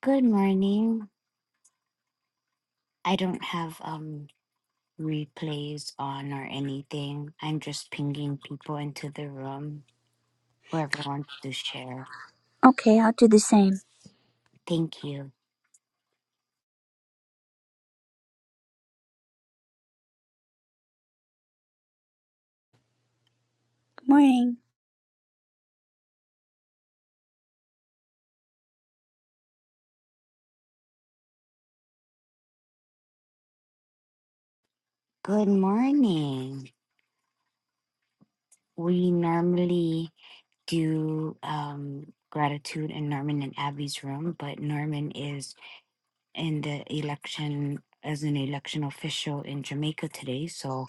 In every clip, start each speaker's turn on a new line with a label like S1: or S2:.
S1: Good morning. I don't have um replays on or anything. I'm just pinging people into the room, whoever wants to share.
S2: Okay, I'll do the same.
S1: Thank you.
S2: Good morning.
S1: Good morning. We normally do um gratitude in Norman and Abby's room, but Norman is in the election as an election official in Jamaica today. So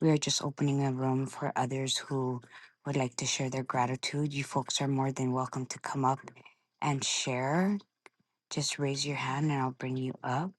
S1: we are just opening a room for others who would like to share their gratitude. You folks are more than welcome to come up and share. Just raise your hand and I'll bring you up.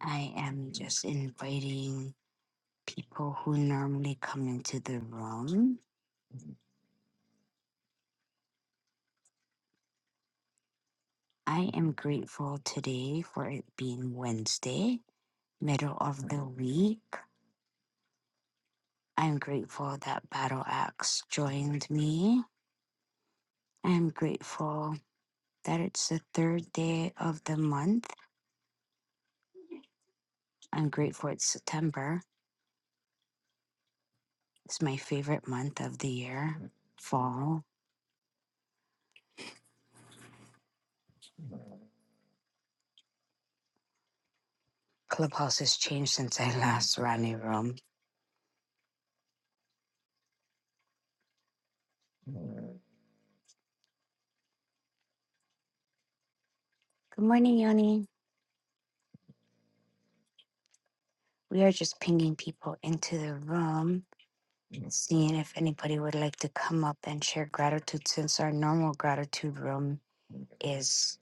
S1: I am just inviting people who normally come into the room. I am grateful today for it being Wednesday, middle of the week. I'm grateful that Battle Axe joined me. I'm grateful that it's the third day of the month. I'm grateful it's September. It's my favorite month of the year. Fall. Clubhouse has changed since I last ran a room. Good morning, Yoni. We are just pinging people into the room, seeing if anybody would like to come up and share gratitude since our normal gratitude room is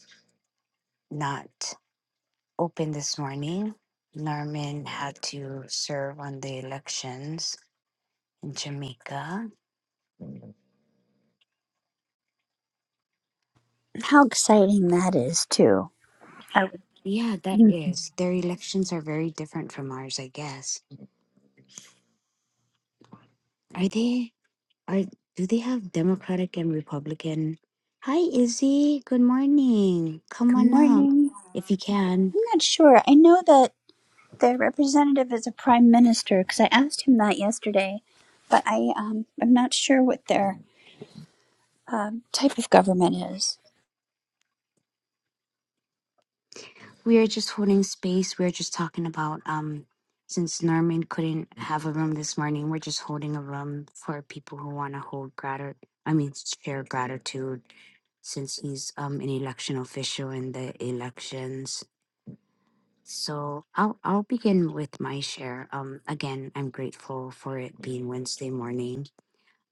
S1: not open this morning. Norman had to serve on the elections in Jamaica.
S2: How exciting that is, too. I would-
S1: Yeah, that
S2: Mm.
S1: is. Their elections are very different from ours, I guess. Are they are do they have Democratic and Republican? Hi Izzy, good morning. Come
S2: Good
S1: on up
S2: morning.
S1: if you can.
S2: I'm not sure. I know that the representative is a prime minister because I asked him that yesterday, but I um I'm not sure what their um, type of government is.
S1: We are just holding space. We are just talking about um since Norman couldn't have a room this morning, we're just holding a room for people who want to hold gratitude. I mean, share gratitude since he's um an election official in the elections. So I'll I'll begin with my share. Um again, I'm grateful for it being Wednesday morning.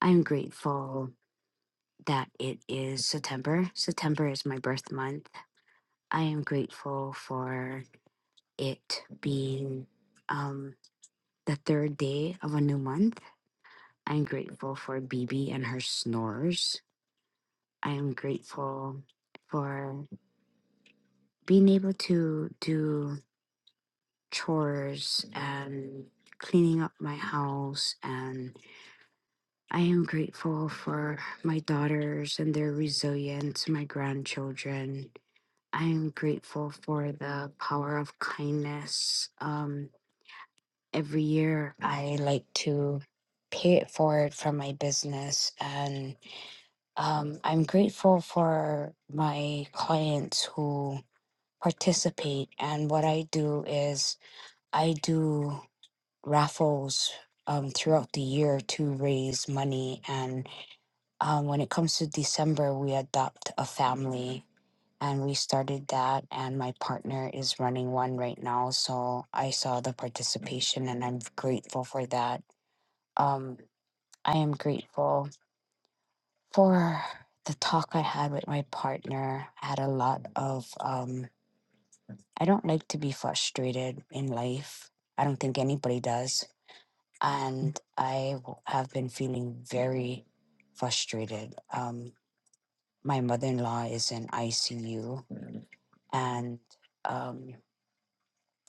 S1: I'm grateful that it is September. September is my birth month. I am grateful for it being um the third day of a new month. I'm grateful for BB and her snores. I am grateful for being able to do chores and cleaning up my house and i am grateful for my daughters and their resilience my grandchildren i am grateful for the power of kindness um, every year i like to pay it forward from my business and um, i'm grateful for my clients who participate and what i do is i do raffles um, throughout the year to raise money. And um, when it comes to December, we adopt a family and we started that. And my partner is running one right now. So I saw the participation and I'm grateful for that. Um, I am grateful for the talk I had with my partner. I had a lot of, um, I don't like to be frustrated in life. I don't think anybody does and I w- have been feeling very frustrated. Um, my mother in law is in ICU, and um,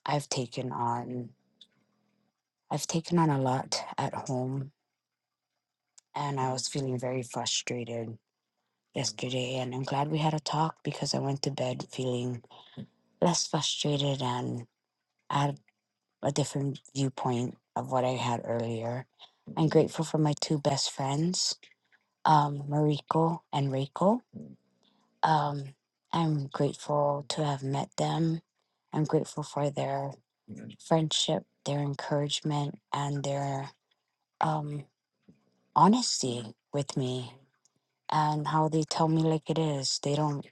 S1: I've taken on I've taken on a lot at home, and I was feeling very frustrated yesterday. And I'm glad we had a talk because I went to bed feeling less frustrated and had a different viewpoint of what I had earlier. I'm grateful for my two best friends, um, Mariko and Reiko Um, I'm grateful to have met them. I'm grateful for their friendship, their encouragement, and their um, honesty with me and how they tell me like it is. They don't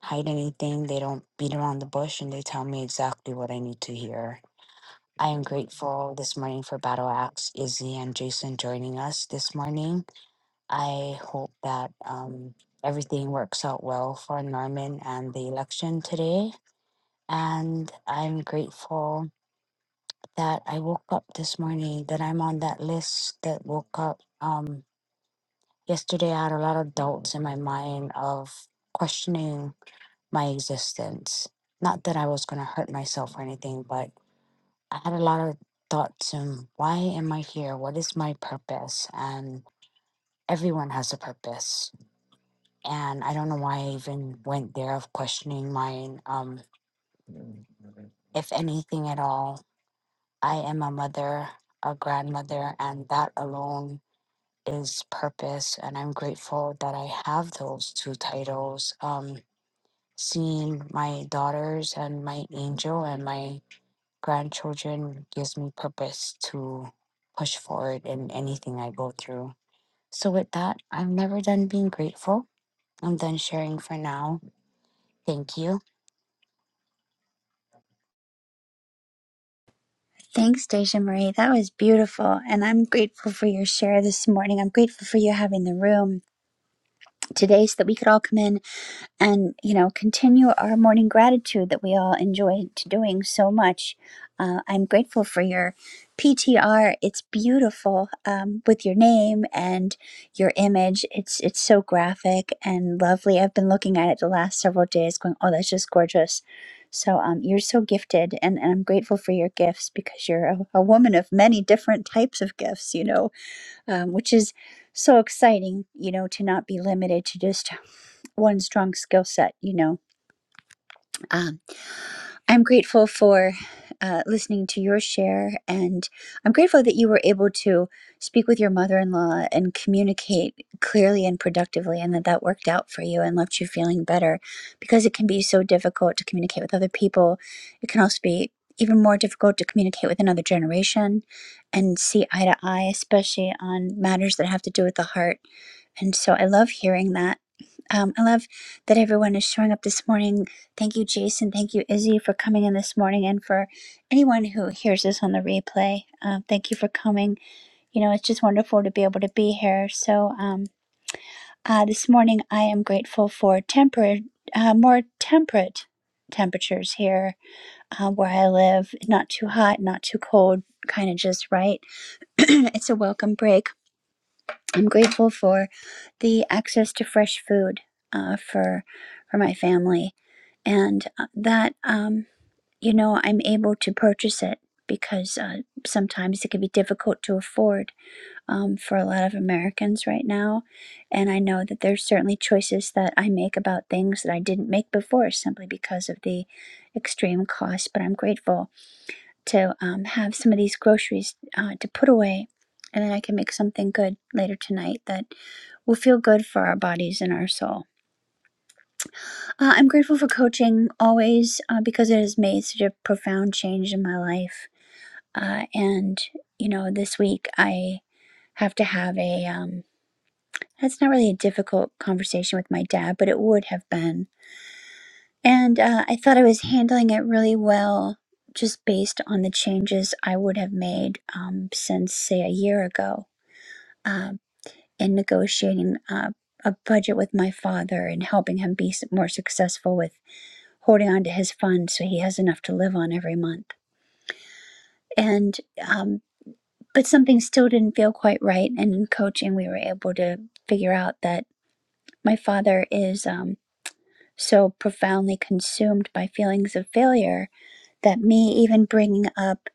S1: hide anything, they don't beat around the bush, and they tell me exactly what I need to hear. I am grateful this morning for Battle Axe, Izzy, and Jason joining us this morning. I hope that um, everything works out well for Norman and the election today And I'm grateful that I woke up this morning, that I'm on that list that woke up. Um, yesterday, I had a lot of doubts in my mind of questioning my existence. Not that I was going to hurt myself or anything, but I had a lot of thoughts on why am I here? What is my purpose? And everyone has a purpose. And I don't know why I even went there of questioning mine. Um, if anything at all, I am a mother, a grandmother, and that alone is purpose. And I'm grateful that I have those two titles. Um, seeing my daughters and my angel and my grandchildren gives me purpose to push forward in anything I go through. So, with that, I'm never done being grateful. I'm done sharing for now. Thank you.
S2: Thanks, Deja Marie. That was beautiful, and I'm grateful for your share this morning. I'm grateful for you having the room today so that we could all come in and you know continue our morning gratitude that we all enjoy doing so much uh, i'm grateful for your ptr it's beautiful um, with your name and your image it's it's so graphic and lovely i've been looking at it the last several days going oh that's just gorgeous so um, you're so gifted and, and i'm grateful for your gifts because you're a, a woman of many different types of gifts you know um, which is so exciting you know to not be limited to just one strong skill set, you know. Um, I'm grateful for uh, listening to your share, and I'm grateful that you were able to speak with your mother in law and communicate clearly and productively, and that that worked out for you and left you feeling better because it can be so difficult to communicate with other people. It can also be even more difficult to communicate with another generation and see eye to eye, especially on matters that have to do with the heart. And so I love hearing that um, I love that everyone is showing up this morning. Thank you, Jason. Thank you, Izzy, for coming in this morning. And for anyone who hears this on the replay, um, thank you for coming. You know, it's just wonderful to be able to be here. So um, uh, this morning, I am grateful for temperate, uh, more temperate temperatures here uh, where I live. Not too hot, not too cold, kind of just right. it's a welcome break I'm grateful for the access to fresh food uh, for for my family, and uh, that um, you know I'm able to purchase it because uh, sometimes it can be difficult to afford um, for a lot of Americans right now. And I know that there's certainly choices that I make about things that I didn't make before simply because of the extreme cost. But I'm grateful to um, have some of these groceries uh, to put away, and then I can make something good later tonight that will feel good for our bodies and our soul. Uh, I'm grateful for coaching always uh, because it has made such a profound change in my life. Uh, and, you know, this week I have to have a, um, that's not really a difficult conversation with my dad, but it would have been. And uh, I thought I was handling it really well just based on the changes I would have made um, since, say, a year ago um, in negotiating uh, a budget with my father and helping him be more successful with holding on to his fund so he has enough to live on every month. And um, but something still didn't feel quite right. And in coaching, we were able to figure out that my father is um, so profoundly consumed by feelings of failure that me even bringing up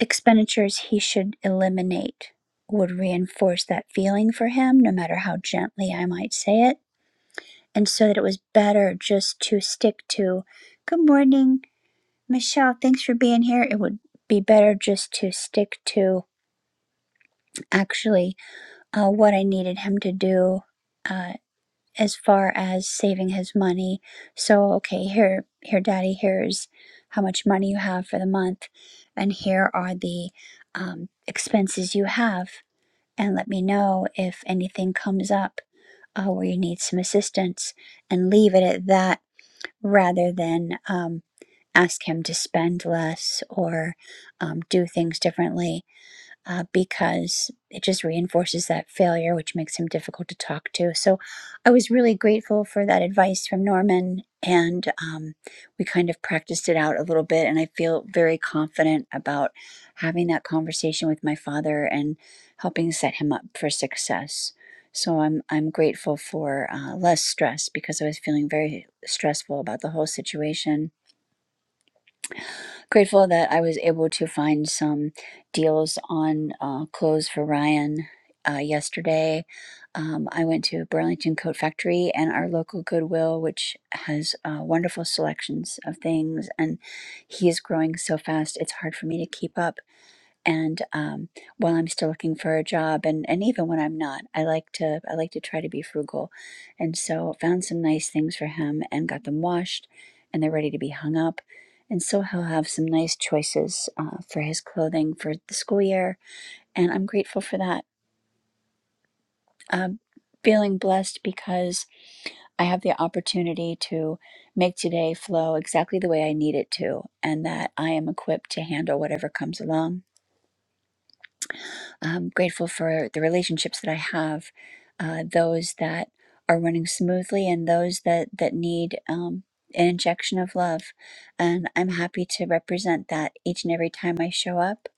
S2: expenditures he should eliminate would reinforce that feeling for him, no matter how gently I might say it. And so that it was better just to stick to good morning, Michelle, thanks for being here. It would be better just to stick to actually uh, what I needed him to do uh, as far as saving his money. So, okay, here, here, Daddy, here's how much money you have for the month, and here are the um, expenses you have, and let me know if anything comes up uh, where you need some assistance, and leave it at that rather than. Um, ask him to spend less or um, do things differently uh, because it just reinforces that failure, which makes him difficult to talk to. So I was really grateful for that advice from Norman. And um, we kind of practiced it out a little bit. And I feel very confident about having that conversation with my father and helping set him up for success. So I'm I'm grateful for uh, less stress because I was feeling very stressful about the whole situation grateful that I was able to find some deals on uh, clothes for Ryan uh, yesterday. Um, I went to Burlington Coat Factory and our local Goodwill, which has uh, wonderful selections of things. And he is growing so fast, it's hard for me to keep up and um, while I'm still looking for a job, and and even when I'm not, I like to I like to try to be frugal, and so found some nice things for him and got them washed, and they're ready to be hung up, and so he'll have some nice choices uh, for his clothing for the school year, and I'm grateful for that. Um, feeling blessed because I have the opportunity to make today flow exactly the way I need it to, and that I am equipped to handle whatever comes along I'm grateful for the relationships that I have, uh, those that are running smoothly and those that that need um, an injection of love. And I'm happy to represent that each and every time I show up,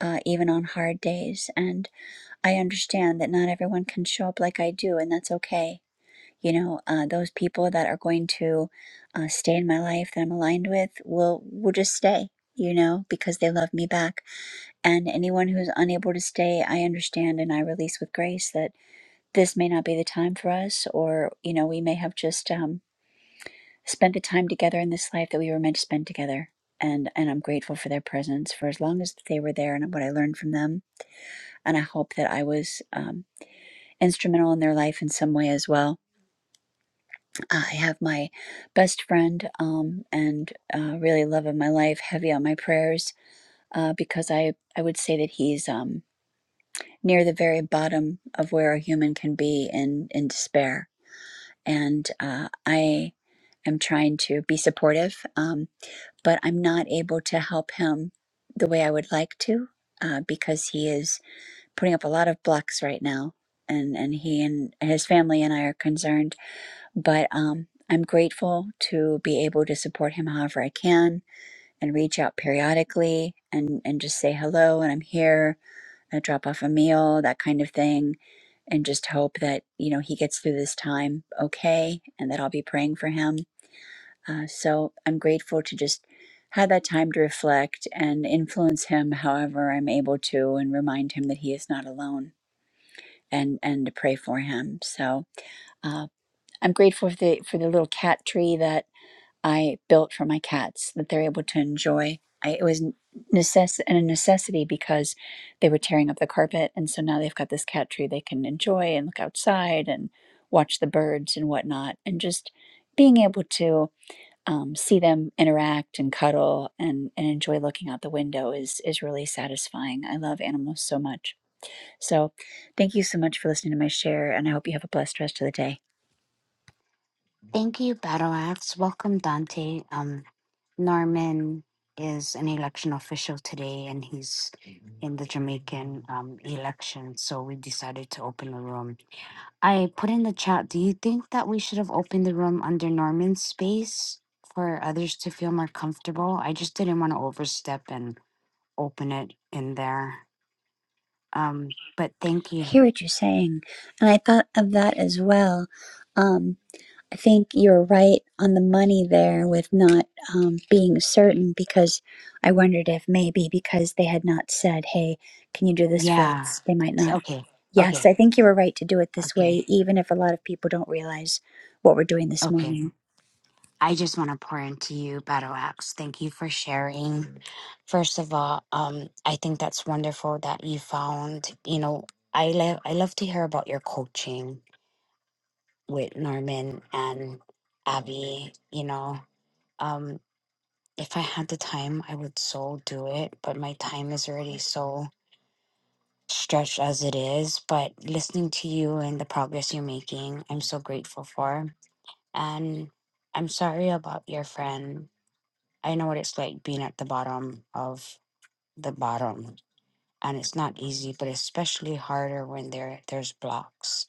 S2: uh, even on hard days. And I understand that not everyone can show up like I do, and that's okay. You know, uh, those people that are going to uh, stay in my life that I'm aligned with will will just stay. You know, because they love me back and anyone who is unable to stay, I understand and I release with grace that this may not be the time for us, or, you know, we may have just um, spent the time together in this life that we were meant to spend together. And, and I'm grateful for their presence for as long as they were there and what I learned from them. And I hope that I was um, instrumental in their life in some way as well. I have my best friend um, and uh, really love of my life heavy on my prayers uh, because I, I would say that he's. Um, near the very bottom of where a human can be in in despair. And uh, I am trying to be supportive, um, but I'm not able to help him the way I would like to uh, because he is putting up a lot of blocks right now, and and he and his family and I are concerned. But um, I'm grateful to be able to support him however I can and reach out periodically and and just say hello and I'm here. I drop off a meal, that kind of thing and just hope that you know he gets through this time okay and that i'll be praying for him uh, so i'm grateful to just have that time to reflect and influence him however i'm able to and remind him that he is not alone and and to pray for him so uh, i'm grateful for the for the little cat tree that I built for my cats that they're able to enjoy. I, it was necess- and a necessity because they were tearing up the carpet, and so now they've got this cat tree they can enjoy and look outside and watch the birds and whatnot, and just being able to um, see them interact and cuddle and, and enjoy looking out the window is is really satisfying. I love animals so much. So, thank you so much for listening to my share, and I hope you have a blessed rest of the day.
S1: Thank you, Battle Axe. Welcome, Dante. Um, Norman is an election official today, and he's in the Jamaican um, election. So we decided to open a room. I put in the chat. Do you think that we should have opened the room under Norman's space for others to feel more comfortable? I just didn't want to overstep and open it in there. Um, but thank
S2: I
S1: you.
S2: hear what you're saying. And I thought of that as well. Um, I think you're right on the money there with not um, being certain because I wondered if maybe because they had not said, hey, can you do this for
S1: Yeah.
S2: us? They might
S1: T-
S2: not.
S1: Okay.
S2: Yes,
S1: Okay.
S2: I think you were right to do it this
S1: Okay.
S2: way, even if a lot of people don't realize what we're doing this
S1: Okay.
S2: morning.
S1: I just want to pour into you, Battle Axe. Thank you for sharing. First of all, um, I think that's wonderful that you found, you know, I love I love to hear about your coaching with Norman and Abby, you know. Um, if I had the time, I would so do it, but my time is already so stretched as it is. But listening to you and the progress you're making, I'm so grateful for. And I'm sorry about your friend. I know what it's like being at the bottom of the bottom and it's not easy, but especially harder when there there's blocks.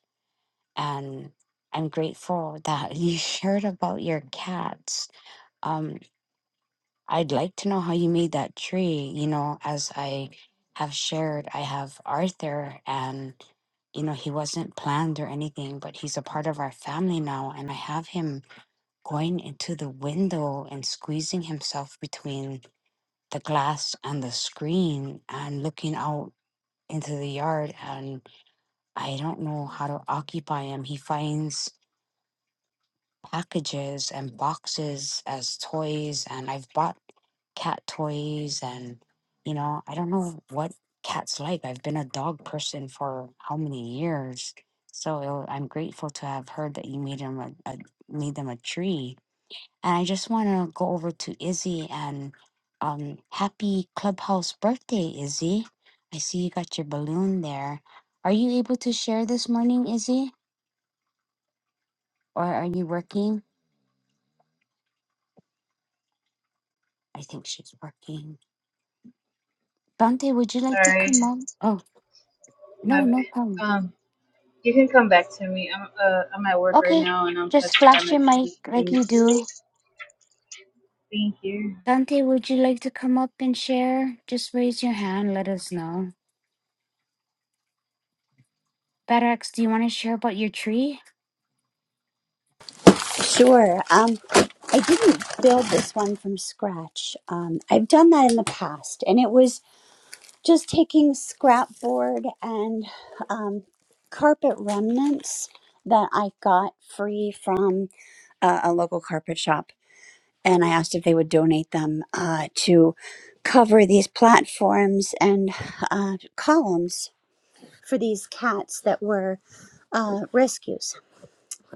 S1: And I'm grateful that you shared about your cats. Um, I'd like to know how you made that tree. You know, as I have shared, I have Arthur, and you know he wasn't planned or anything, but he's a part of our family now, and I have him going into the window and squeezing himself between the glass and the screen and looking out into the yard and I don't know how to occupy him. He finds packages and boxes as toys, and I've bought cat toys, and you know, I don't know what cats like. I've been a dog person for how many years, so it, I'm grateful to have heard that you made him a, a made them a tree. And I just want to go over to Izzy and um, happy clubhouse birthday, Izzy. I see you got your balloon there. Are you able to share this morning, Izzy? Or are you working? I think she's working. Dante, would you like to
S3: Sorry,
S1: come on? Oh, no,
S3: my bad.
S1: no problem.
S3: Um, you can come back to me. I'm uh I'm at work right
S1: Okay,
S3: now and I'm just
S1: just
S3: trying
S1: flash
S3: to
S1: your mic
S3: finish
S1: like
S3: things.
S1: you do.
S3: Thank you.
S1: Dante, would you like to come up and share? Just raise your hand, let us know. Badax, do you want to share about your tree?
S2: Sure. Um, I didn't build this one from scratch. Um, I've done that in the past, and it was just taking scrapboard and um, carpet remnants that I got free from uh, a local carpet shop. And I asked if they would donate them uh, to cover these platforms and uh, columns for these cats that were uh, rescues.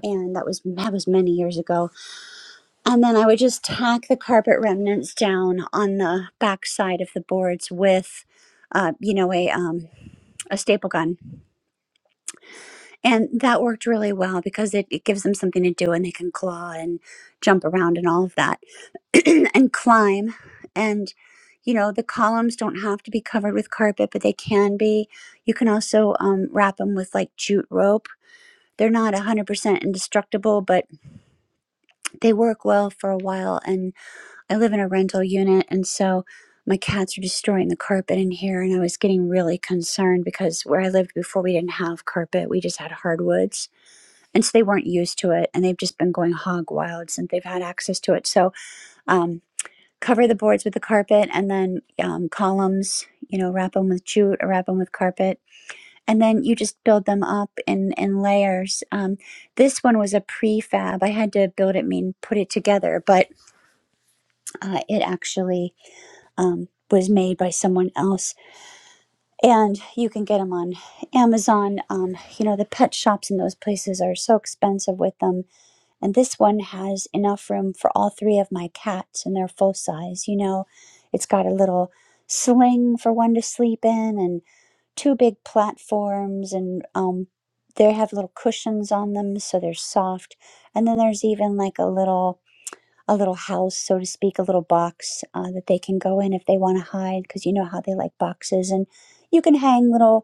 S2: And that was that was many years ago. And then I would just tack the carpet remnants down on the back side of the boards with, uh, you know, a um, a staple gun. And that worked really well because it, it gives them something to do and they can claw and jump around and all of that and climb. And, you know, the columns don't have to be covered with carpet, but they can be. You can also um, wrap them with like jute rope. They're not 100% indestructible, but they work well for a while. And I live in a rental unit. And so my cats are destroying the carpet in here. And I was getting really concerned because where I lived before, we didn't have carpet, we just had hardwoods and so they weren't used to it and they've just been going hog wild since they've had access to it so um, cover the boards with the carpet and then um, columns you know wrap them with jute or wrap them with carpet and then you just build them up in in layers um, this one was a prefab i had to build it mean put it together but uh, it actually um, was made by someone else and you can get them on amazon um, you know the pet shops and those places are so expensive with them And this one has enough room for all three of my cats, and they're full size. You know, it's got a little sling for one to sleep in, and two big platforms, and um, they have little cushions on them, so they're soft. And then there's even like a little a little house, so to speak, a little box uh, that they can go in if they want to hide, because you know how they like boxes, and you can hang little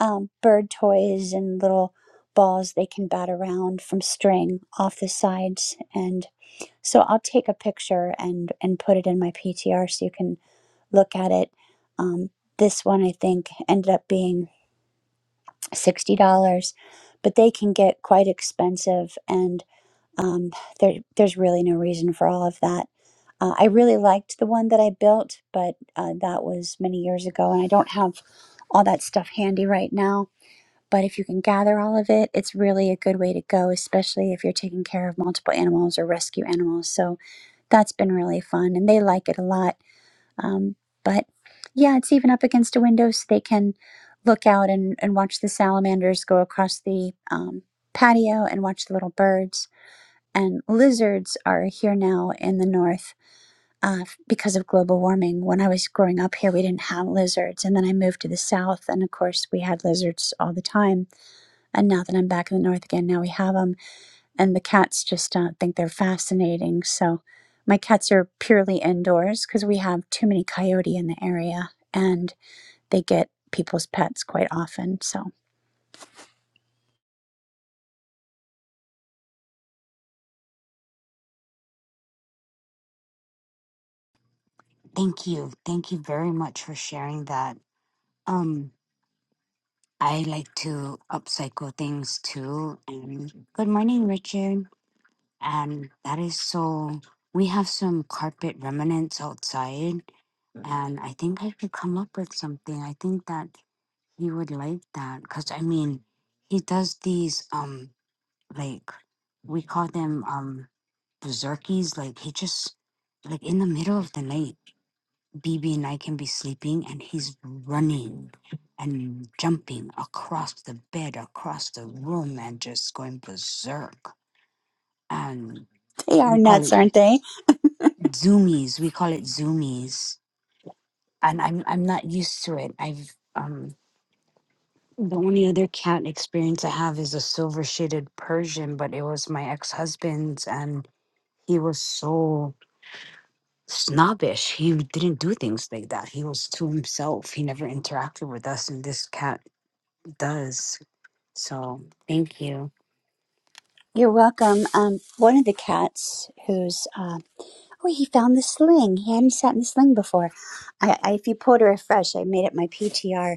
S2: um, bird toys and little balls they can bat around from string off the sides. And so I'll take a picture and and put it in my PTR so you can look at it. Um, this one I think ended up being sixty dollars, but they can get quite expensive, and um, there there's really no reason for all of that. Uh, I really liked the one that I built, but uh, that was many years ago, and I don't have all that stuff handy right now but if you can gather all of it, it's really a good way to go, especially if you're taking care of multiple animals or rescue animals. So that's been really fun, and they like it a lot. Um, but yeah, it's even up against a window, so they can look out and, and watch the salamanders go across the um, patio and watch the little birds. And lizards are here now in the north uh, f- because of global warming. When I was growing up here, we didn't have lizards. And then I moved to the south, and of course, we had lizards all the time and now that I'm back in the north again, now we have them. And the cats just uh, think they're fascinating. So my cats are purely indoors because we have too many coyote in the area and they get people's pets quite often. So
S1: Thank you. Thank you very much for sharing that. Um, I like to upcycle things too. And good morning, Richard. And that is so. We have some carpet remnants outside And I think I could come up with something. I think that he would like that because I mean, he does these um like we call them um berserkies. Like he just like in the middle of the night, BB and I can be sleeping and he's running and jumping across the bed, across the room, and just going berserk. And
S2: they are
S1: we call
S2: nuts,
S1: it
S2: aren't they?
S1: zoomies. We call it zoomies. And I'm I'm not used to it. I've um The only other cat experience I have is a silver shaded Persian, but it was my ex husband's, and he was so snobbish. He didn't do things like that. He was to himself. He never interacted with us, and this cat does. So, thank you.
S2: You're welcome. Um, one of the cats who's, uh, oh, he found the sling. He hadn't sat in the sling before. I, I, if you pulled her afresh, I made it my PTR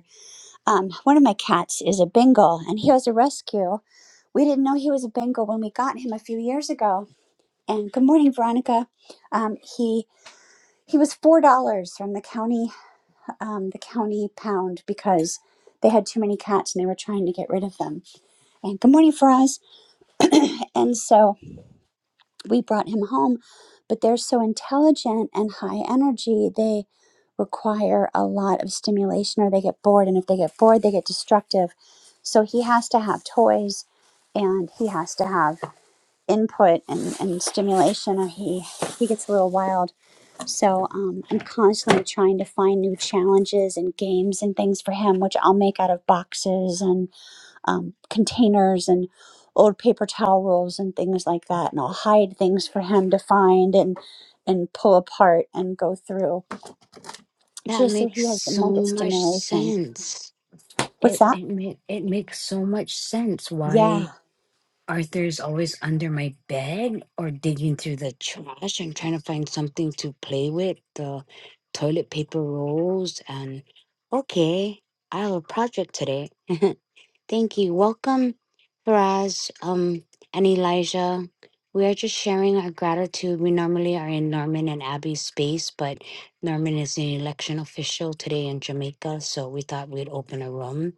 S2: Um, one of my cats is a Bengal, and he was a rescue. We didn't know he was a Bengal when we got him a few years ago. And good morning, Veronica. Um, he he was four dollars from the county um, the county pound because they had too many cats and they were trying to get rid of them. And good morning, Faraz. And so we brought him home but they're so intelligent and high energy they require a lot of stimulation or they get bored and if they get bored they get destructive so he has to have toys and he has to have input and, and stimulation or he he gets a little wild so um, i'm constantly trying to find new challenges and games and things for him which i'll make out of boxes and um, containers and old paper towel rolls and things like that. And I'll hide things for him to find and and pull apart and go through
S1: That
S2: just so
S1: makes
S2: he has the
S1: so
S2: mental
S1: much
S2: stimulation.
S1: sense.
S2: What's
S1: It
S2: that?
S1: it ma- it makes so much sense why
S2: Yeah,
S1: Arthur's always under my bed or digging through the trash. I'm trying to find something to play with, the toilet paper rolls, and okay, I have a project today. Thank you. Welcome, Faraz, um, and Elijah. We are just sharing our gratitude. We normally are in Norman and Abby's space, but Norman is an election official today in Jamaica, so we thought we'd open a room.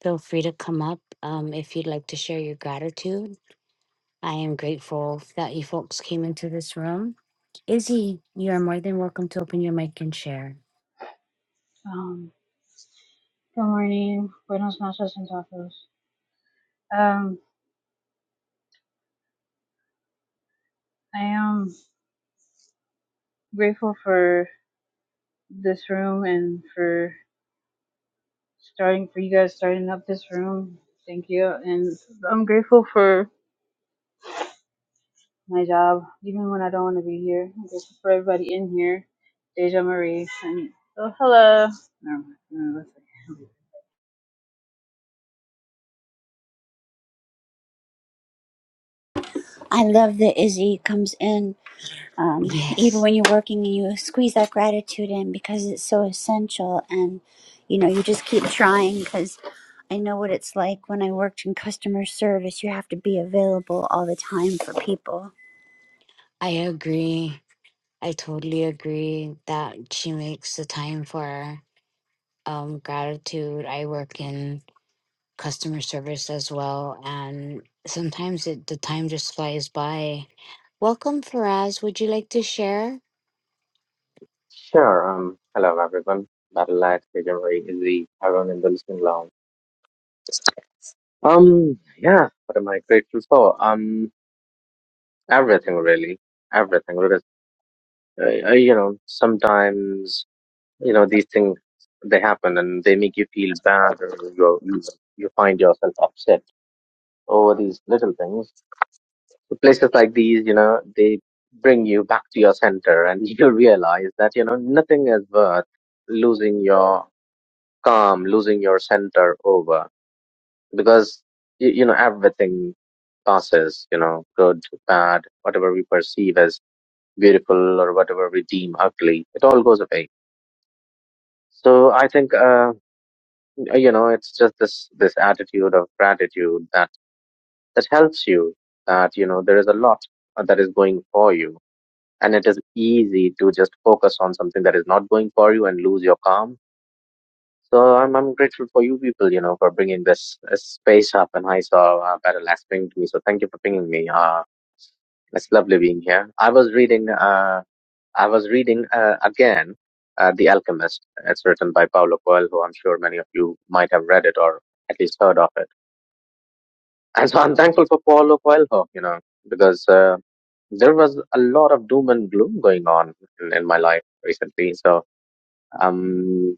S1: Feel free to come up um, if you'd like to share your gratitude. I am grateful that you folks came into this room. Izzy, you are more than welcome to open your mic and share.
S3: Um, good morning. Buenos noches and tacos. Um, I am grateful for this room and for starting for you guys starting up this room. Thank you. And I'm grateful for my job, even when I don't want to be here. I'm grateful for everybody in here. Deja Marie and oh hello. No, no, that's okay.
S2: I love that Izzy comes in. Um, even
S1: Yes,
S2: when you're working and you squeeze that gratitude in because it's so essential, and you know, you just keep trying because I know what it's like when I worked in customer service. You have to be available all the time for people
S1: I agree. I totally agree that she makes the time for um, gratitude. I work in customer service as well, and sometimes it, the time just flies by. Welcome, Faraz. Would you like to share?
S4: Sure. Um, hello everyone. Battle Light Legendary is the everyone in the listening lounge. Um, yeah. What am I grateful for? Um, everything really, everything. Because uh, uh, you know, sometimes you know these things they happen and they make you feel bad, or you you you find yourself upset over these little things. So places like these, you know, they bring you back to your center, and you realize that you know nothing is worth losing your calm, losing your center over because y- you know everything passes. You know, good, bad, whatever we perceive as beautiful or whatever we deem ugly, it all goes away. So I think uh, you know it's just this this attitude of gratitude that that helps you. That you know there is a lot uh, that is going for you, and it is easy to just focus on something that is not going for you and lose your calm So I'm I'm grateful for you people, you know, for bringing this, uh space up, and I saw uh, Battle Axe ping to me. So thank you for pinging me. Uh, it's lovely being here. I was reading. Uh, I was reading uh, again, uh, The Alchemist. It's written by Paulo Coelho. I'm sure many of you might have read it or at least heard of it. And so I'm thankful for Paulo Coelho, you know, because uh, there was a lot of doom and gloom going on in, in my life recently. So um,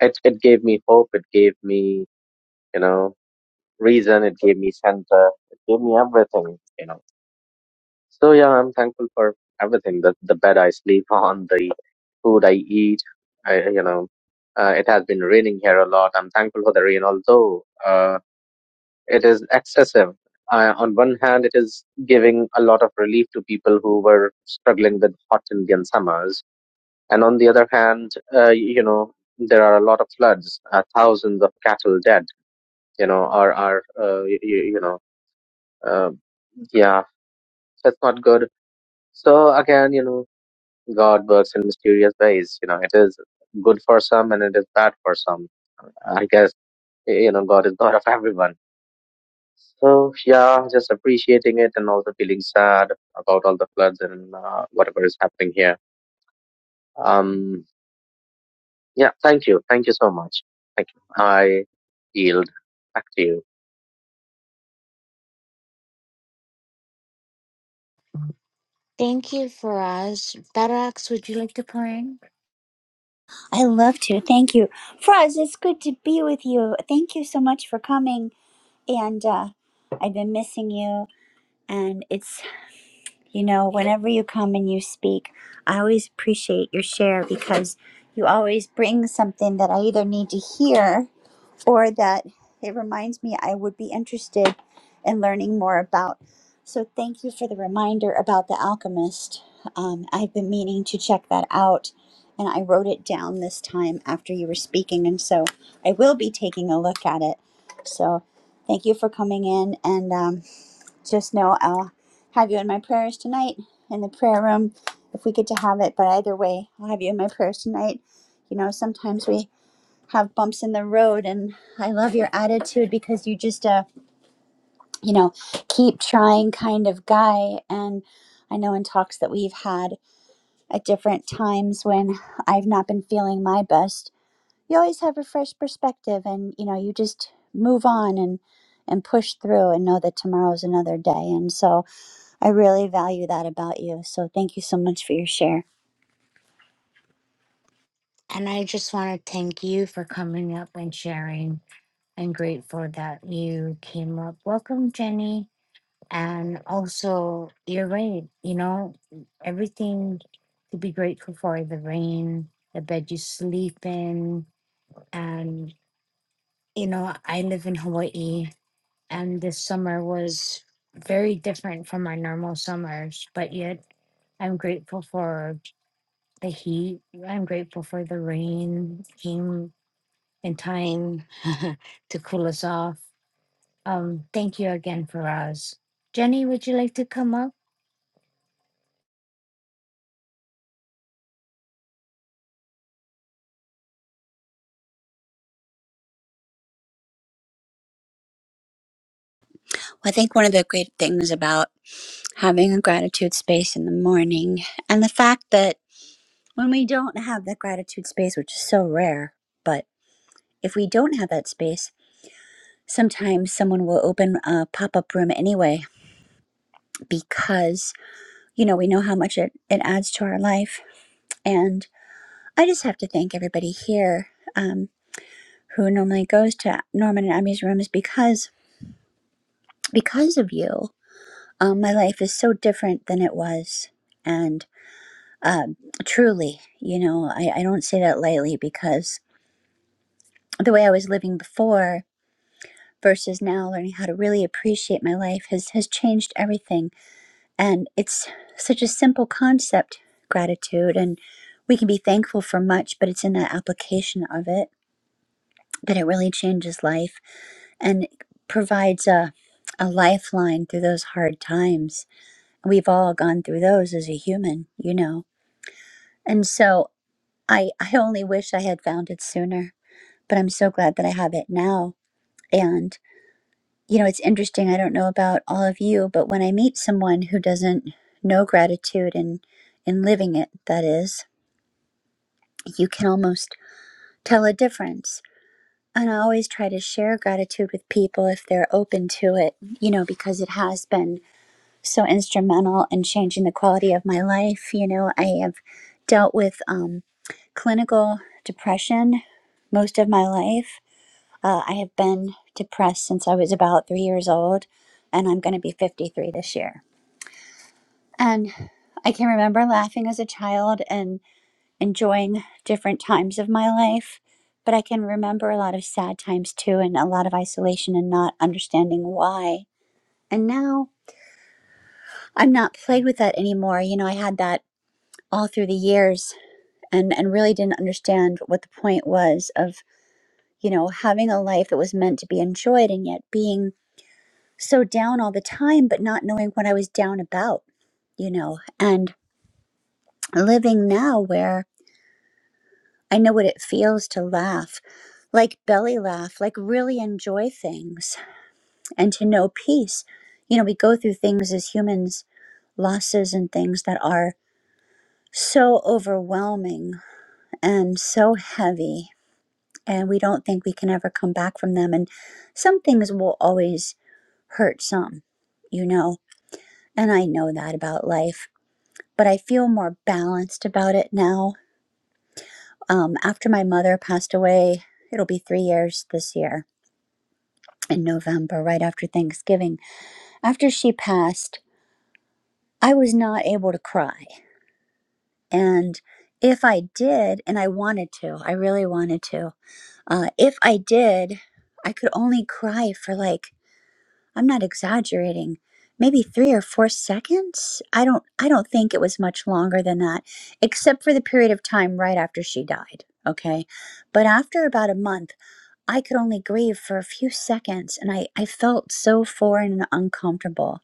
S4: it it gave me hope. It gave me you know reason, it gave me center, it gave me everything, you know. So yeah, I'm thankful for everything. The the bed I sleep on, the food I eat, I you know. Uh, it has been raining here a lot. I'm thankful for the rain, although uh, it is excessive. Uh, on one hand, it is giving a lot of relief to people who were struggling with hot Indian summers, and on the other hand, uh, you know there are a lot of floods, uh, thousands of cattle dead, you know, are are uh, you, you know Um, yeah, that's not good. So again, you know, God works in mysterious ways. You know, it is good for some and it is bad for some. I guess, you know, God is God of everyone. So yeah, just appreciating it and also feeling sad about all the floods and uh, whatever is happening here. Um, yeah, thank you. Thank you so much. Thank you. I yield back to you.
S1: Thank you, Faraz. Barax, would you like to pour in?
S2: I love to. Thank you. Froz, it's good to be with you. Thank you so much for coming. And uh, I've been missing you. And it's, you know, whenever you come and you speak, I always appreciate your share because you always bring something that I either need to hear or that it reminds me I would be interested in learning more about. So thank you for the reminder about The Alchemist. Um, I've been meaning to check that out, and I wrote it down this time after you were speaking, and so I will be taking a look at it. So thank you for coming in, and um, just know I'll have you in my prayers tonight in the prayer room if we get to have it. But either way, I'll have you in my prayers tonight. You know, sometimes we have bumps in the road and i love your attitude because you just uh you know keep trying kind of guy and i know in talks that we've had at different times when i've not been feeling my best you always have a fresh perspective and you know you just move on and and push through and know that tomorrow's another day and so i really value that about you so thank you so much for your share
S1: And I just want to thank you for coming up and sharing. I'm grateful that you came up. Welcome, Jenny. And also, you're right. You know, everything to be grateful for the rain, the bed you sleep in. And, you know, I live in Hawaii, and this summer was very different from my normal summers, but yet I'm grateful for the heat. I'm grateful for the rain came in time to cool us off. Um, thank you again, Faraz. Jenny, would you like to come up?
S2: i think one of the great things about having a gratitude space in the morning and the fact that when we don't have that gratitude space, which is so rare, but if we don't have that space, sometimes someone will open a pop up room anyway because, you know, we know how much it, it adds to our life. And I just have to thank everybody here um, who normally goes to Norman and Abby's rooms because because of you, um, my life is so different than it was. And um, truly, you know, I, I don't say that lightly because the way I was living before versus now learning how to really appreciate my life has has changed everything and it's such a simple concept gratitude and we can be thankful for much but it's in that application of it that it really changes life and provides a a lifeline through those hard times we've all gone through those as a human you know and so i i only wish i had found it sooner but i'm so glad that i have it now and you know, it's interesting. I don't know about all of you, but when I meet someone who doesn't know gratitude and in living it, that is, you can almost tell a difference. And I always try to share gratitude with people if they're open to it, you know, because it has been so instrumental in changing the quality of my life. You know, I have dealt with um, clinical depression most of my life Uh, I have been depressed since I was about three years old, and I'm going to be 53 this year. And I can remember laughing as a child and enjoying different times of my life, but I can remember a lot of sad times too, and a lot of isolation and not understanding why. And now I'm not plagued with that anymore. You know, I had that all through the years and, and really didn't understand what the point was of, you know, having a life that was meant to be enjoyed and yet being so down all the time, but not knowing what I was down about, you know, and living now where I know what it feels to laugh, like belly laugh, like really enjoy things and to know peace. You know, we go through things as humans, losses and things that are so overwhelming and so heavy, and we don't think we can ever come back from them. And some things will always hurt some, you know, and I know that about life but I feel more balanced about it now. Um, after my mother passed away, it'll be three years this year in November, right after Thanksgiving. After she passed, I was not able to cry. And if I did, and I wanted to, I really wanted to, uh, if I did, I could only cry for like I'm not exaggerating. Maybe 3 or 4 seconds. I don't I don't think it was much longer than that except for the period of time right after she died, okay? But after about a month, I could only grieve for a few seconds and I I felt so foreign and uncomfortable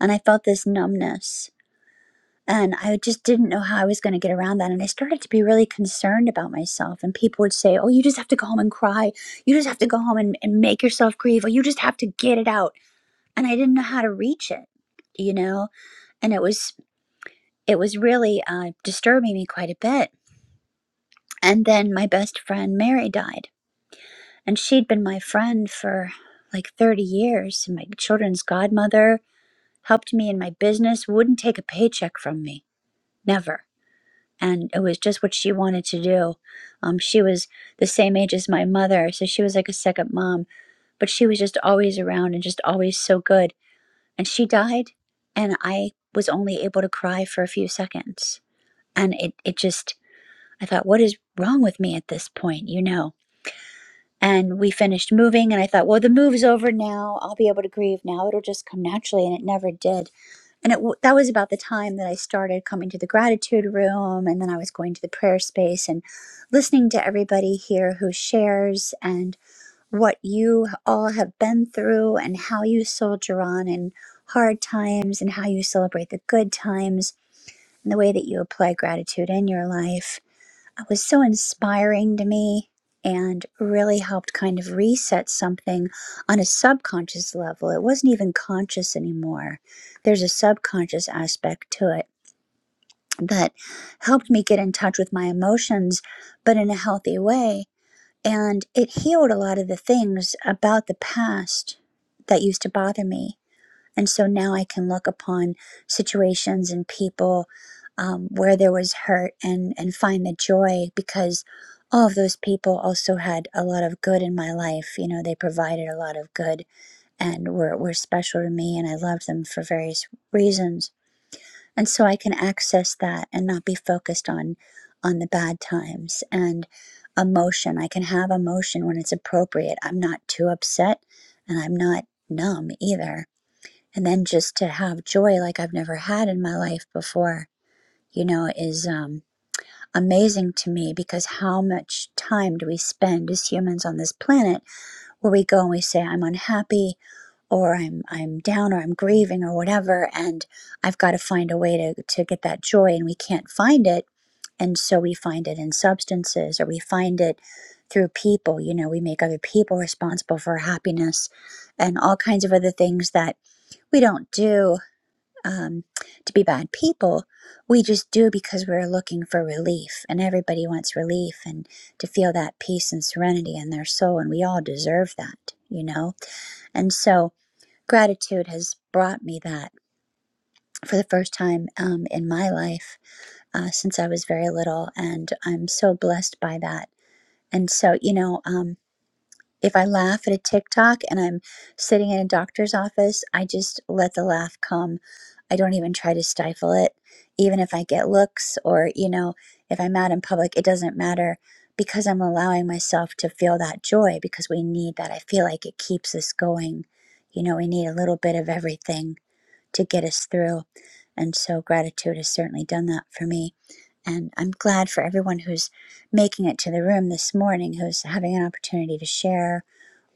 S2: and I felt this numbness and I just didn't know how I was going to get around that and I started to be really concerned about myself and people would say, "Oh, you just have to go home and cry. You just have to go home and, and make yourself grieve. Or you just have to get it out." and I didn't know how to reach it, you know, and it was it was really uh, disturbing me quite a bit. And then my best friend Mary died, and she'd been my friend for like 30 years. And my children's godmother helped me in my business, wouldn't take a paycheck from me, never. And it was just what she wanted to do. Um, she was the same age as my mother, so she was like a second mom, but she was just always around and just always so good. and she died and i was only able to cry for a few seconds and it, it just i thought what is wrong with me at this point you know and we finished moving and i thought well the move's over now i'll be able to grieve now it'll just come naturally and it never did and it w- that was about the time that i started coming to the gratitude room and then i was going to the prayer space and listening to everybody here who shares and what you all have been through and how you soldier on in hard times and how you celebrate the good times and the way that you apply gratitude in your life. It was so inspiring to me and really helped kind of reset something on a subconscious level. It wasn't even conscious anymore. There's a subconscious aspect to it that helped me get in touch with my emotions, but in a healthy way and it healed a lot of the things about the past that used to bother me. And so now I can look upon situations and people um, where there was hurt and, and find the joy because all of those people also had a lot of good in my life. You know, they provided a lot of good and were, were special to me, and I loved them for various reasons and so i can access that and not be focused on on the bad times and emotion i can have emotion when it's appropriate i'm not too upset and i'm not numb either and then just to have joy like i've never had in my life before you know is um, amazing to me because how much time do we spend as humans on this planet where we go and we say i'm unhappy or I'm I'm down or I'm grieving or whatever and I've got to find a way to to get that joy and we can't find it and so we find it in substances or we find it through people you know we make other people responsible for our happiness and all kinds of other things that we don't do um, to be bad people we just do because we're looking for relief and everybody wants relief and to feel that peace and serenity in their soul and we all deserve that you know and so Gratitude has brought me that for the first time um, in my life uh, since I was very little, and I'm so blessed by that. And so, you know, um, if I laugh at a TikTok and I'm sitting in a doctor's office, I just let the laugh come. I don't even try to stifle it. Even if I get looks or, you know, if I'm out in public, it doesn't matter because I'm allowing myself to feel that joy because we need that. I feel like it keeps us going. You know, we need a little bit of everything to get us through. And so gratitude has certainly done that for me. And I'm glad for everyone who's making it to the room this morning, who's having an opportunity to share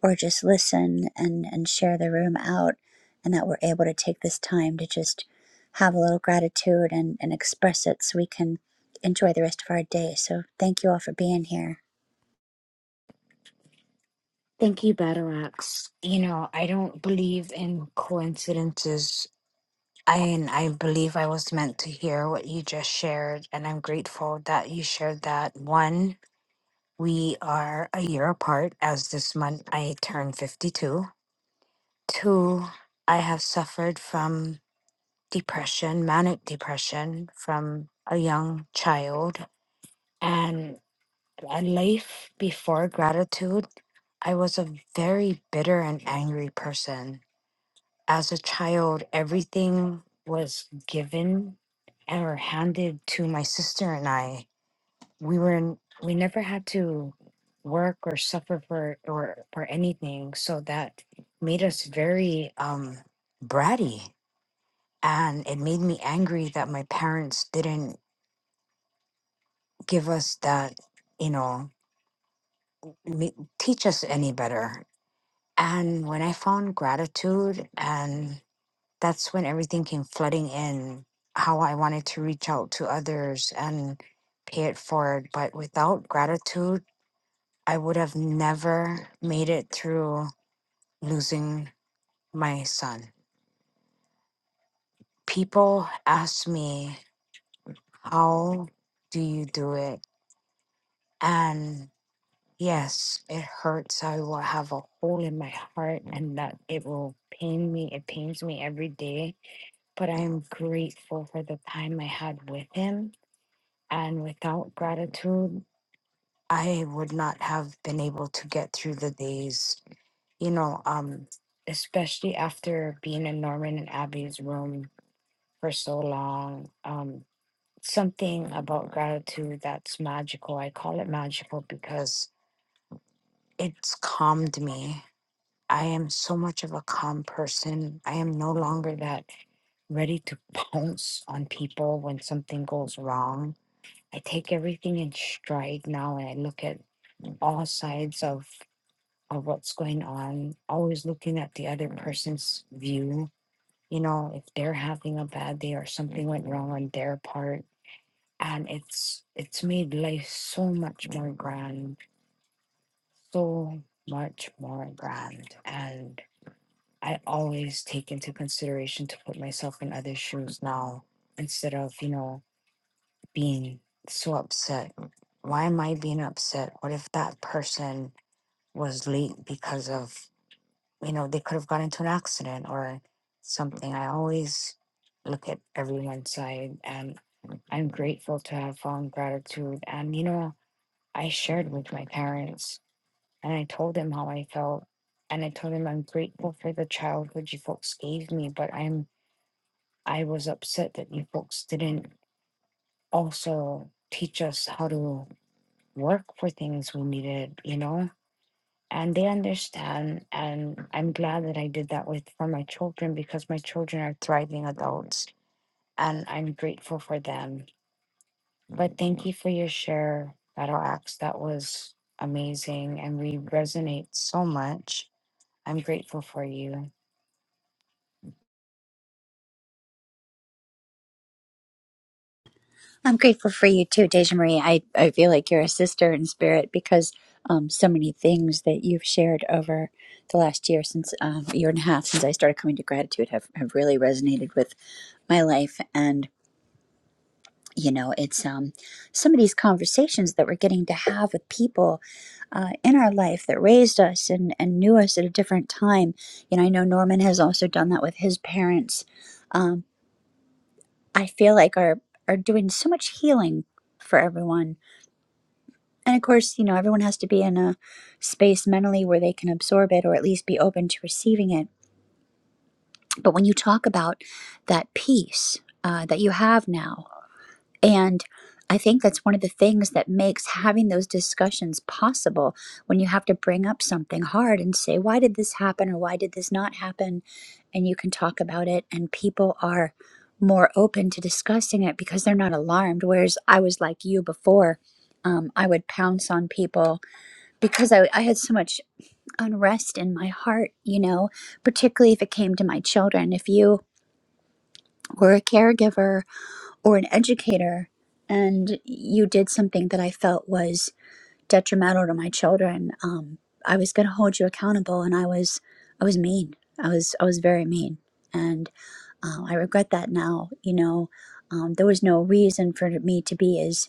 S2: or just listen and, and share the room out, and that we're able to take this time to just have a little gratitude and, and express it so we can enjoy the rest of our day. So thank you all for being here.
S1: Thank you, Batarax. You know, I don't believe in coincidences. I and I believe I was meant to hear what you just shared, and I'm grateful that you shared that. One, we are a year apart, as this month I turn 52. Two, I have suffered from depression, manic depression, from a young child. and. A life before gratitude, I was a very bitter and angry person. As a child, everything was given and were handed to my sister and I. We were in, we never had to work or suffer for or for anything, so that made us very um bratty and it made me angry that my parents didn't give us that, you know, ma- teach us any better And when I found gratitude, and that's when everything came flooding in, how I wanted to reach out to others and pay it forward. But without gratitude, I would have never made it through losing my son. People ask me, How do you do it? And yes, it hurts. I will have a hole in my heart and that it will pain me. It pains me every day but I am grateful for the time I had with him. And without gratitude, I would not have been able to get through the days, you know, um, especially after being in Norman and Abby's room for so long. Um, something about gratitude that's magical. I call it magical because it's calmed me. I am so much of a calm person. I am no longer that ready to pounce on people when something goes wrong. I take everything in stride now and I look at all sides of of what's going on, always looking at the other person's view, you know, if they're having a bad day or something went wrong on their part. And it's it's made life so much more grand. So much more grand. and. I always take into consideration to put myself in other shoes now instead of, you know, being so upset. Why am I being upset? What if that person was late because of, you know, they could have got into an accident or something? I always look at everyone's side and I'm grateful to have found gratitude. And, you know, I shared with my parents and I told them how I felt. And I told them I'm grateful for the childhood you folks gave me, but I'm I was upset that you folks didn't also teach us how to work for things we needed, you know? And they understand. And I'm glad that I did that with for my children because my children are thriving adults and I'm grateful for them. But thank you for your share, Battle Axe. That was amazing and we resonate so much. I'm grateful for you.
S2: I'm grateful for you too, Deja Marie. I, I feel like you're a sister in spirit because um, so many things that you've shared over the last year, since um, a year and a half since I started coming to gratitude, have, have really resonated with my life. And, you know, it's um, some of these conversations that we're getting to have with people uh, in our life that raised us and, and knew us at a different time. You know, I know Norman has also done that with his parents. Um, I feel like are are doing so much healing for everyone And of course, you know, everyone has to be in a space mentally where they can absorb it or at least be open to receiving it. But when you talk about that peace uh, that you have now, and I think that's one of the things that makes having those discussions possible when you have to bring up something hard and say, why did this happen or why did this not happen? And you can talk about it, and people are more open to discussing it because they're not alarmed. Whereas I was like you before, um, I would pounce on people because I, I had so much unrest in my heart, you know, particularly if it came to my children. If you were a caregiver or an educator and you did something that I felt was detrimental to my children, um, I was going to hold you accountable, and I was, I was mean. I was, I was very mean, and uh, I regret that now. You know, um, there was no reason for me to be as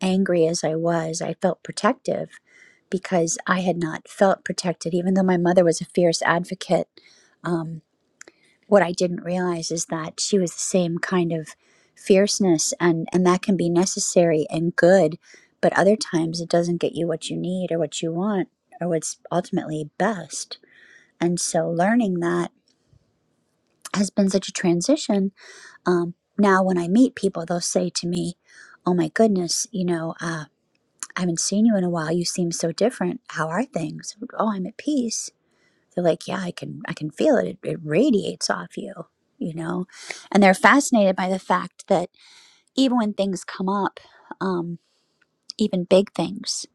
S2: angry as I was, I felt protective because I had not felt protected, even though my mother was a fierce advocate. Um, what I didn't realize is that she was the same kind of fierceness, and, and that can be necessary and good, but other times it doesn't get you what you need or what you want or what's ultimately best. And so learning that has been such a transition. Um, now, when I meet people, they'll say to me, Oh my goodness, you know, uh, I haven't seen you in a while. You seem so different. How are things? Oh, I'm at peace. They're like, yeah, I can, I can feel it. It, it radiates off you, you know. And they're fascinated by the fact that even when things come up, um, even big things,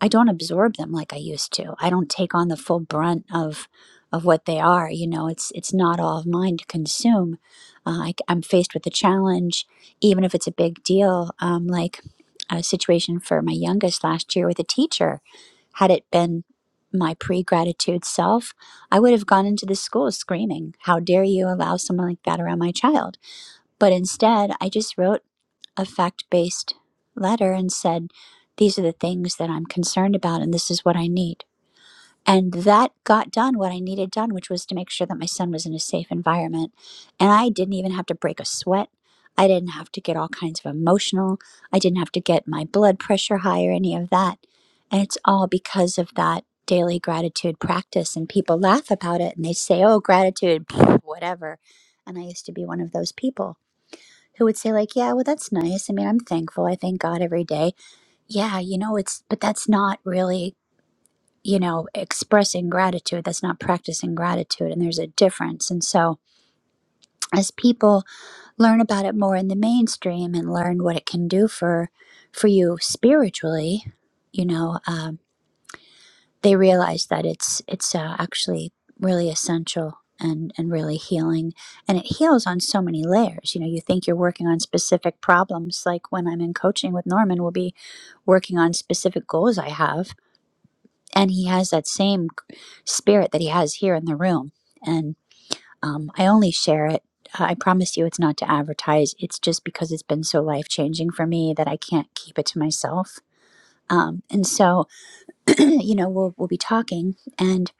S2: I don't absorb them like I used to. I don't take on the full brunt of, of what they are. You know, it's it's not all of mine to consume. Uh, I, am faced with a challenge, even if it's a big deal. Um, like a situation for my youngest last year with a teacher had it been my pre gratitude self, I would have gone into the school screaming, How dare you allow someone like that around my child? But instead, I just wrote a fact based letter and said, These are the things that I'm concerned about, and this is what I need. And that got done what I needed done, which was to make sure that my son was in a safe environment. And I didn't even have to break a sweat. I didn't have to get all kinds of emotional. I didn't have to get my blood pressure high or any of that. And it's all because of that daily gratitude practice. And people laugh about it and they say, oh, gratitude, whatever. And I used to be one of those people who would say, like, yeah, well, that's nice. I mean, I'm thankful. I thank God every day. Yeah, you know, it's, but that's not really you know, expressing gratitude. That's not practicing gratitude. And there's a difference. And so, as people learn about it more in the mainstream and learn what it can do for for you spiritually, you know, um, they realize that it's it's uh, actually really essential and and really healing. And it heals on so many layers. You know, you think you're working on specific problems, like when I'm in coaching with Norman, we'll be working on specific goals I have, and he has that same spirit that he has here in the room. And um, I only share it. I promise you, it's not to advertise. It's just because it's been so life changing for me that I can't keep it to myself. Um, and so, you know, we'll we'll be talking, and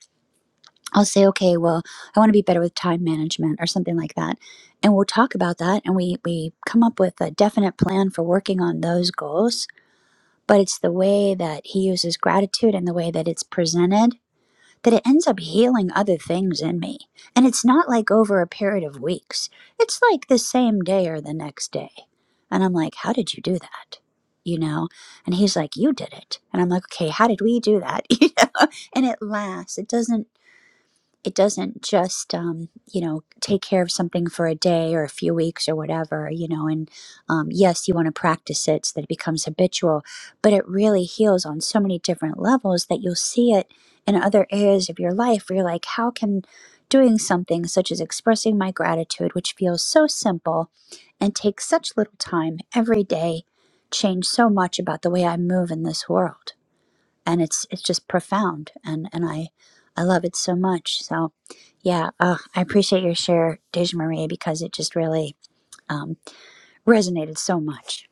S2: I'll say, okay, well, I want to be better with time management or something like that, and we'll talk about that, and we we come up with a definite plan for working on those goals. But it's the way that he uses gratitude and the way that it's presented that it ends up healing other things in me. And it's not like over a period of weeks, it's like the same day or the next day. And I'm like, How did you do that? You know? And he's like, You did it. And I'm like, Okay, how did we do that? You know? And it lasts. It doesn't it doesn't just um, you know take care of something for a day or a few weeks or whatever you know and um, yes you want to practice it so that it becomes habitual but it really heals on so many different levels that you'll see it in other areas of your life where you're like how can doing something such as expressing my gratitude which feels so simple and takes such little time every day change so much about the way i move in this world and it's it's just profound and and i i love it so much so yeah uh, i appreciate your share deja marie because it just really um, resonated so much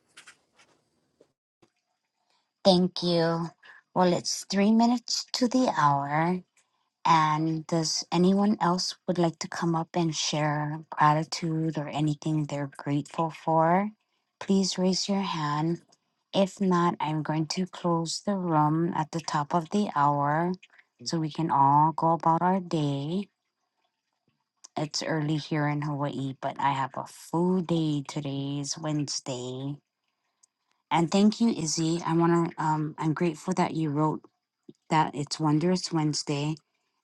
S1: Thank you. Well, it's three minutes to the hour. And does anyone else would like to come up and share gratitude or anything they're grateful for? Please raise your hand. If not, I'm going to close the room at the top of the hour so we can all go about our day. It's early here in Hawaii, but I have a full day today is Wednesday. And thank you, Izzy. I wanna um I'm grateful that you wrote that it's Wondrous Wednesday.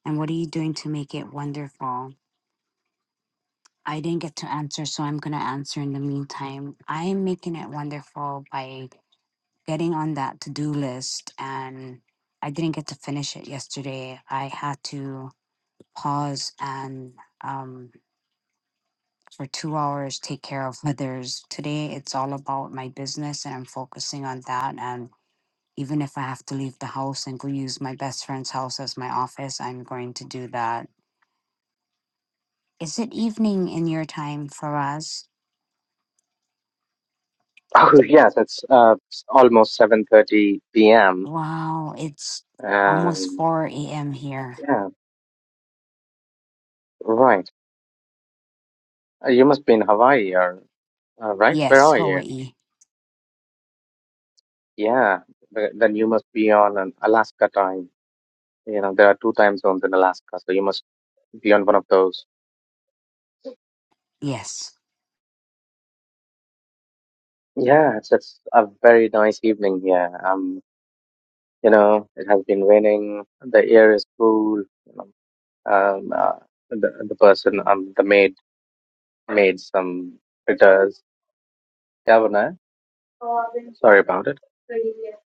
S1: And what are you doing to make it wonderful? I didn't get to answer, so I'm going to answer in the meantime. I'm making it wonderful by getting on that to do list, and I didn't get to finish it yesterday. I had to pause and um, for two hours take care of others. Today, it's all about my business, and I'm focusing on that. And even if I have to leave the house and go use my best friend's house as my office, I'm going to do that. Is it evening in your time for us?
S4: Oh yes, it's uh, almost 7:30 p.m.
S1: Wow, it's almost
S4: and
S1: 4 a.m. here.
S4: yeah, right. Uh, You must be in Hawaii, or uh, right? Where
S1: Yes,
S4: are you?
S1: Hawaii.
S4: Yeah, th- then you must be on an Alaska time. You know, there are two time zones in Alaska, so you must be on one of those.
S1: Yes.
S4: Yeah, it's it's a very nice evening here. Um, you know, it has been raining. The air is cool. You know, um, uh, the the person, um, the maid made some fritters. Kavana. Sorry about it.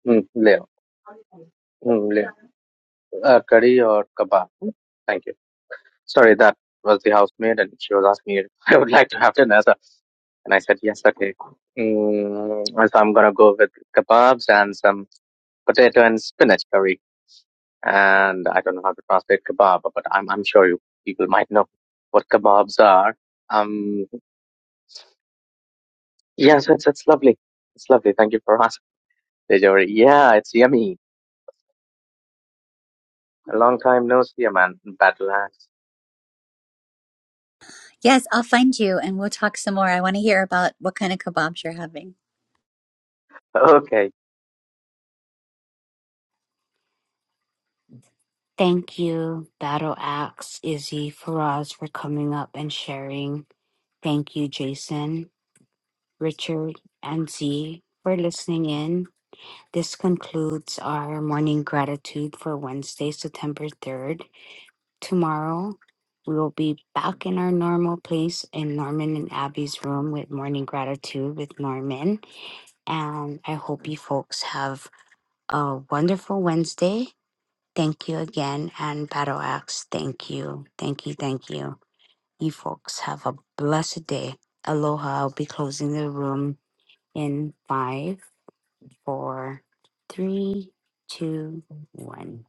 S4: Mm, Leo. Mm, Leo. Uh, curry or kebab. Mm, Thank you. Sorry, that was the housemaid, and she was asking if I would like to have dinner. So, and I said, yes, okay. cool." Mm, so I'm going to go with kebabs and some potato and spinach curry. And I don't know how to translate kebab, but I'm, I'm sure you people might know what kebabs are. Um, yes, it's, it's lovely. It's lovely. Thank you for asking. Dejori. Yeah, it's yummy. A long time no see, man. Battle axe.
S2: Yes, I'll find you and we'll talk some more. I want to hear about what kind of kebabs you're having.
S4: Okay.
S1: Thank you, Battle Axe, Izzy, Faraz, for coming up and sharing. Thank you, Jason, Richard, and Z for listening in. This concludes our morning gratitude for Wednesday, September 3rd. Tomorrow, we will be back in our normal place in Norman and Abby's room with morning gratitude with Norman. And I hope you folks have a wonderful Wednesday. Thank you again. And Battle Axe, thank you. Thank you. Thank you. You folks have a blessed day. Aloha. I'll be closing the room in five, four, three, two, one.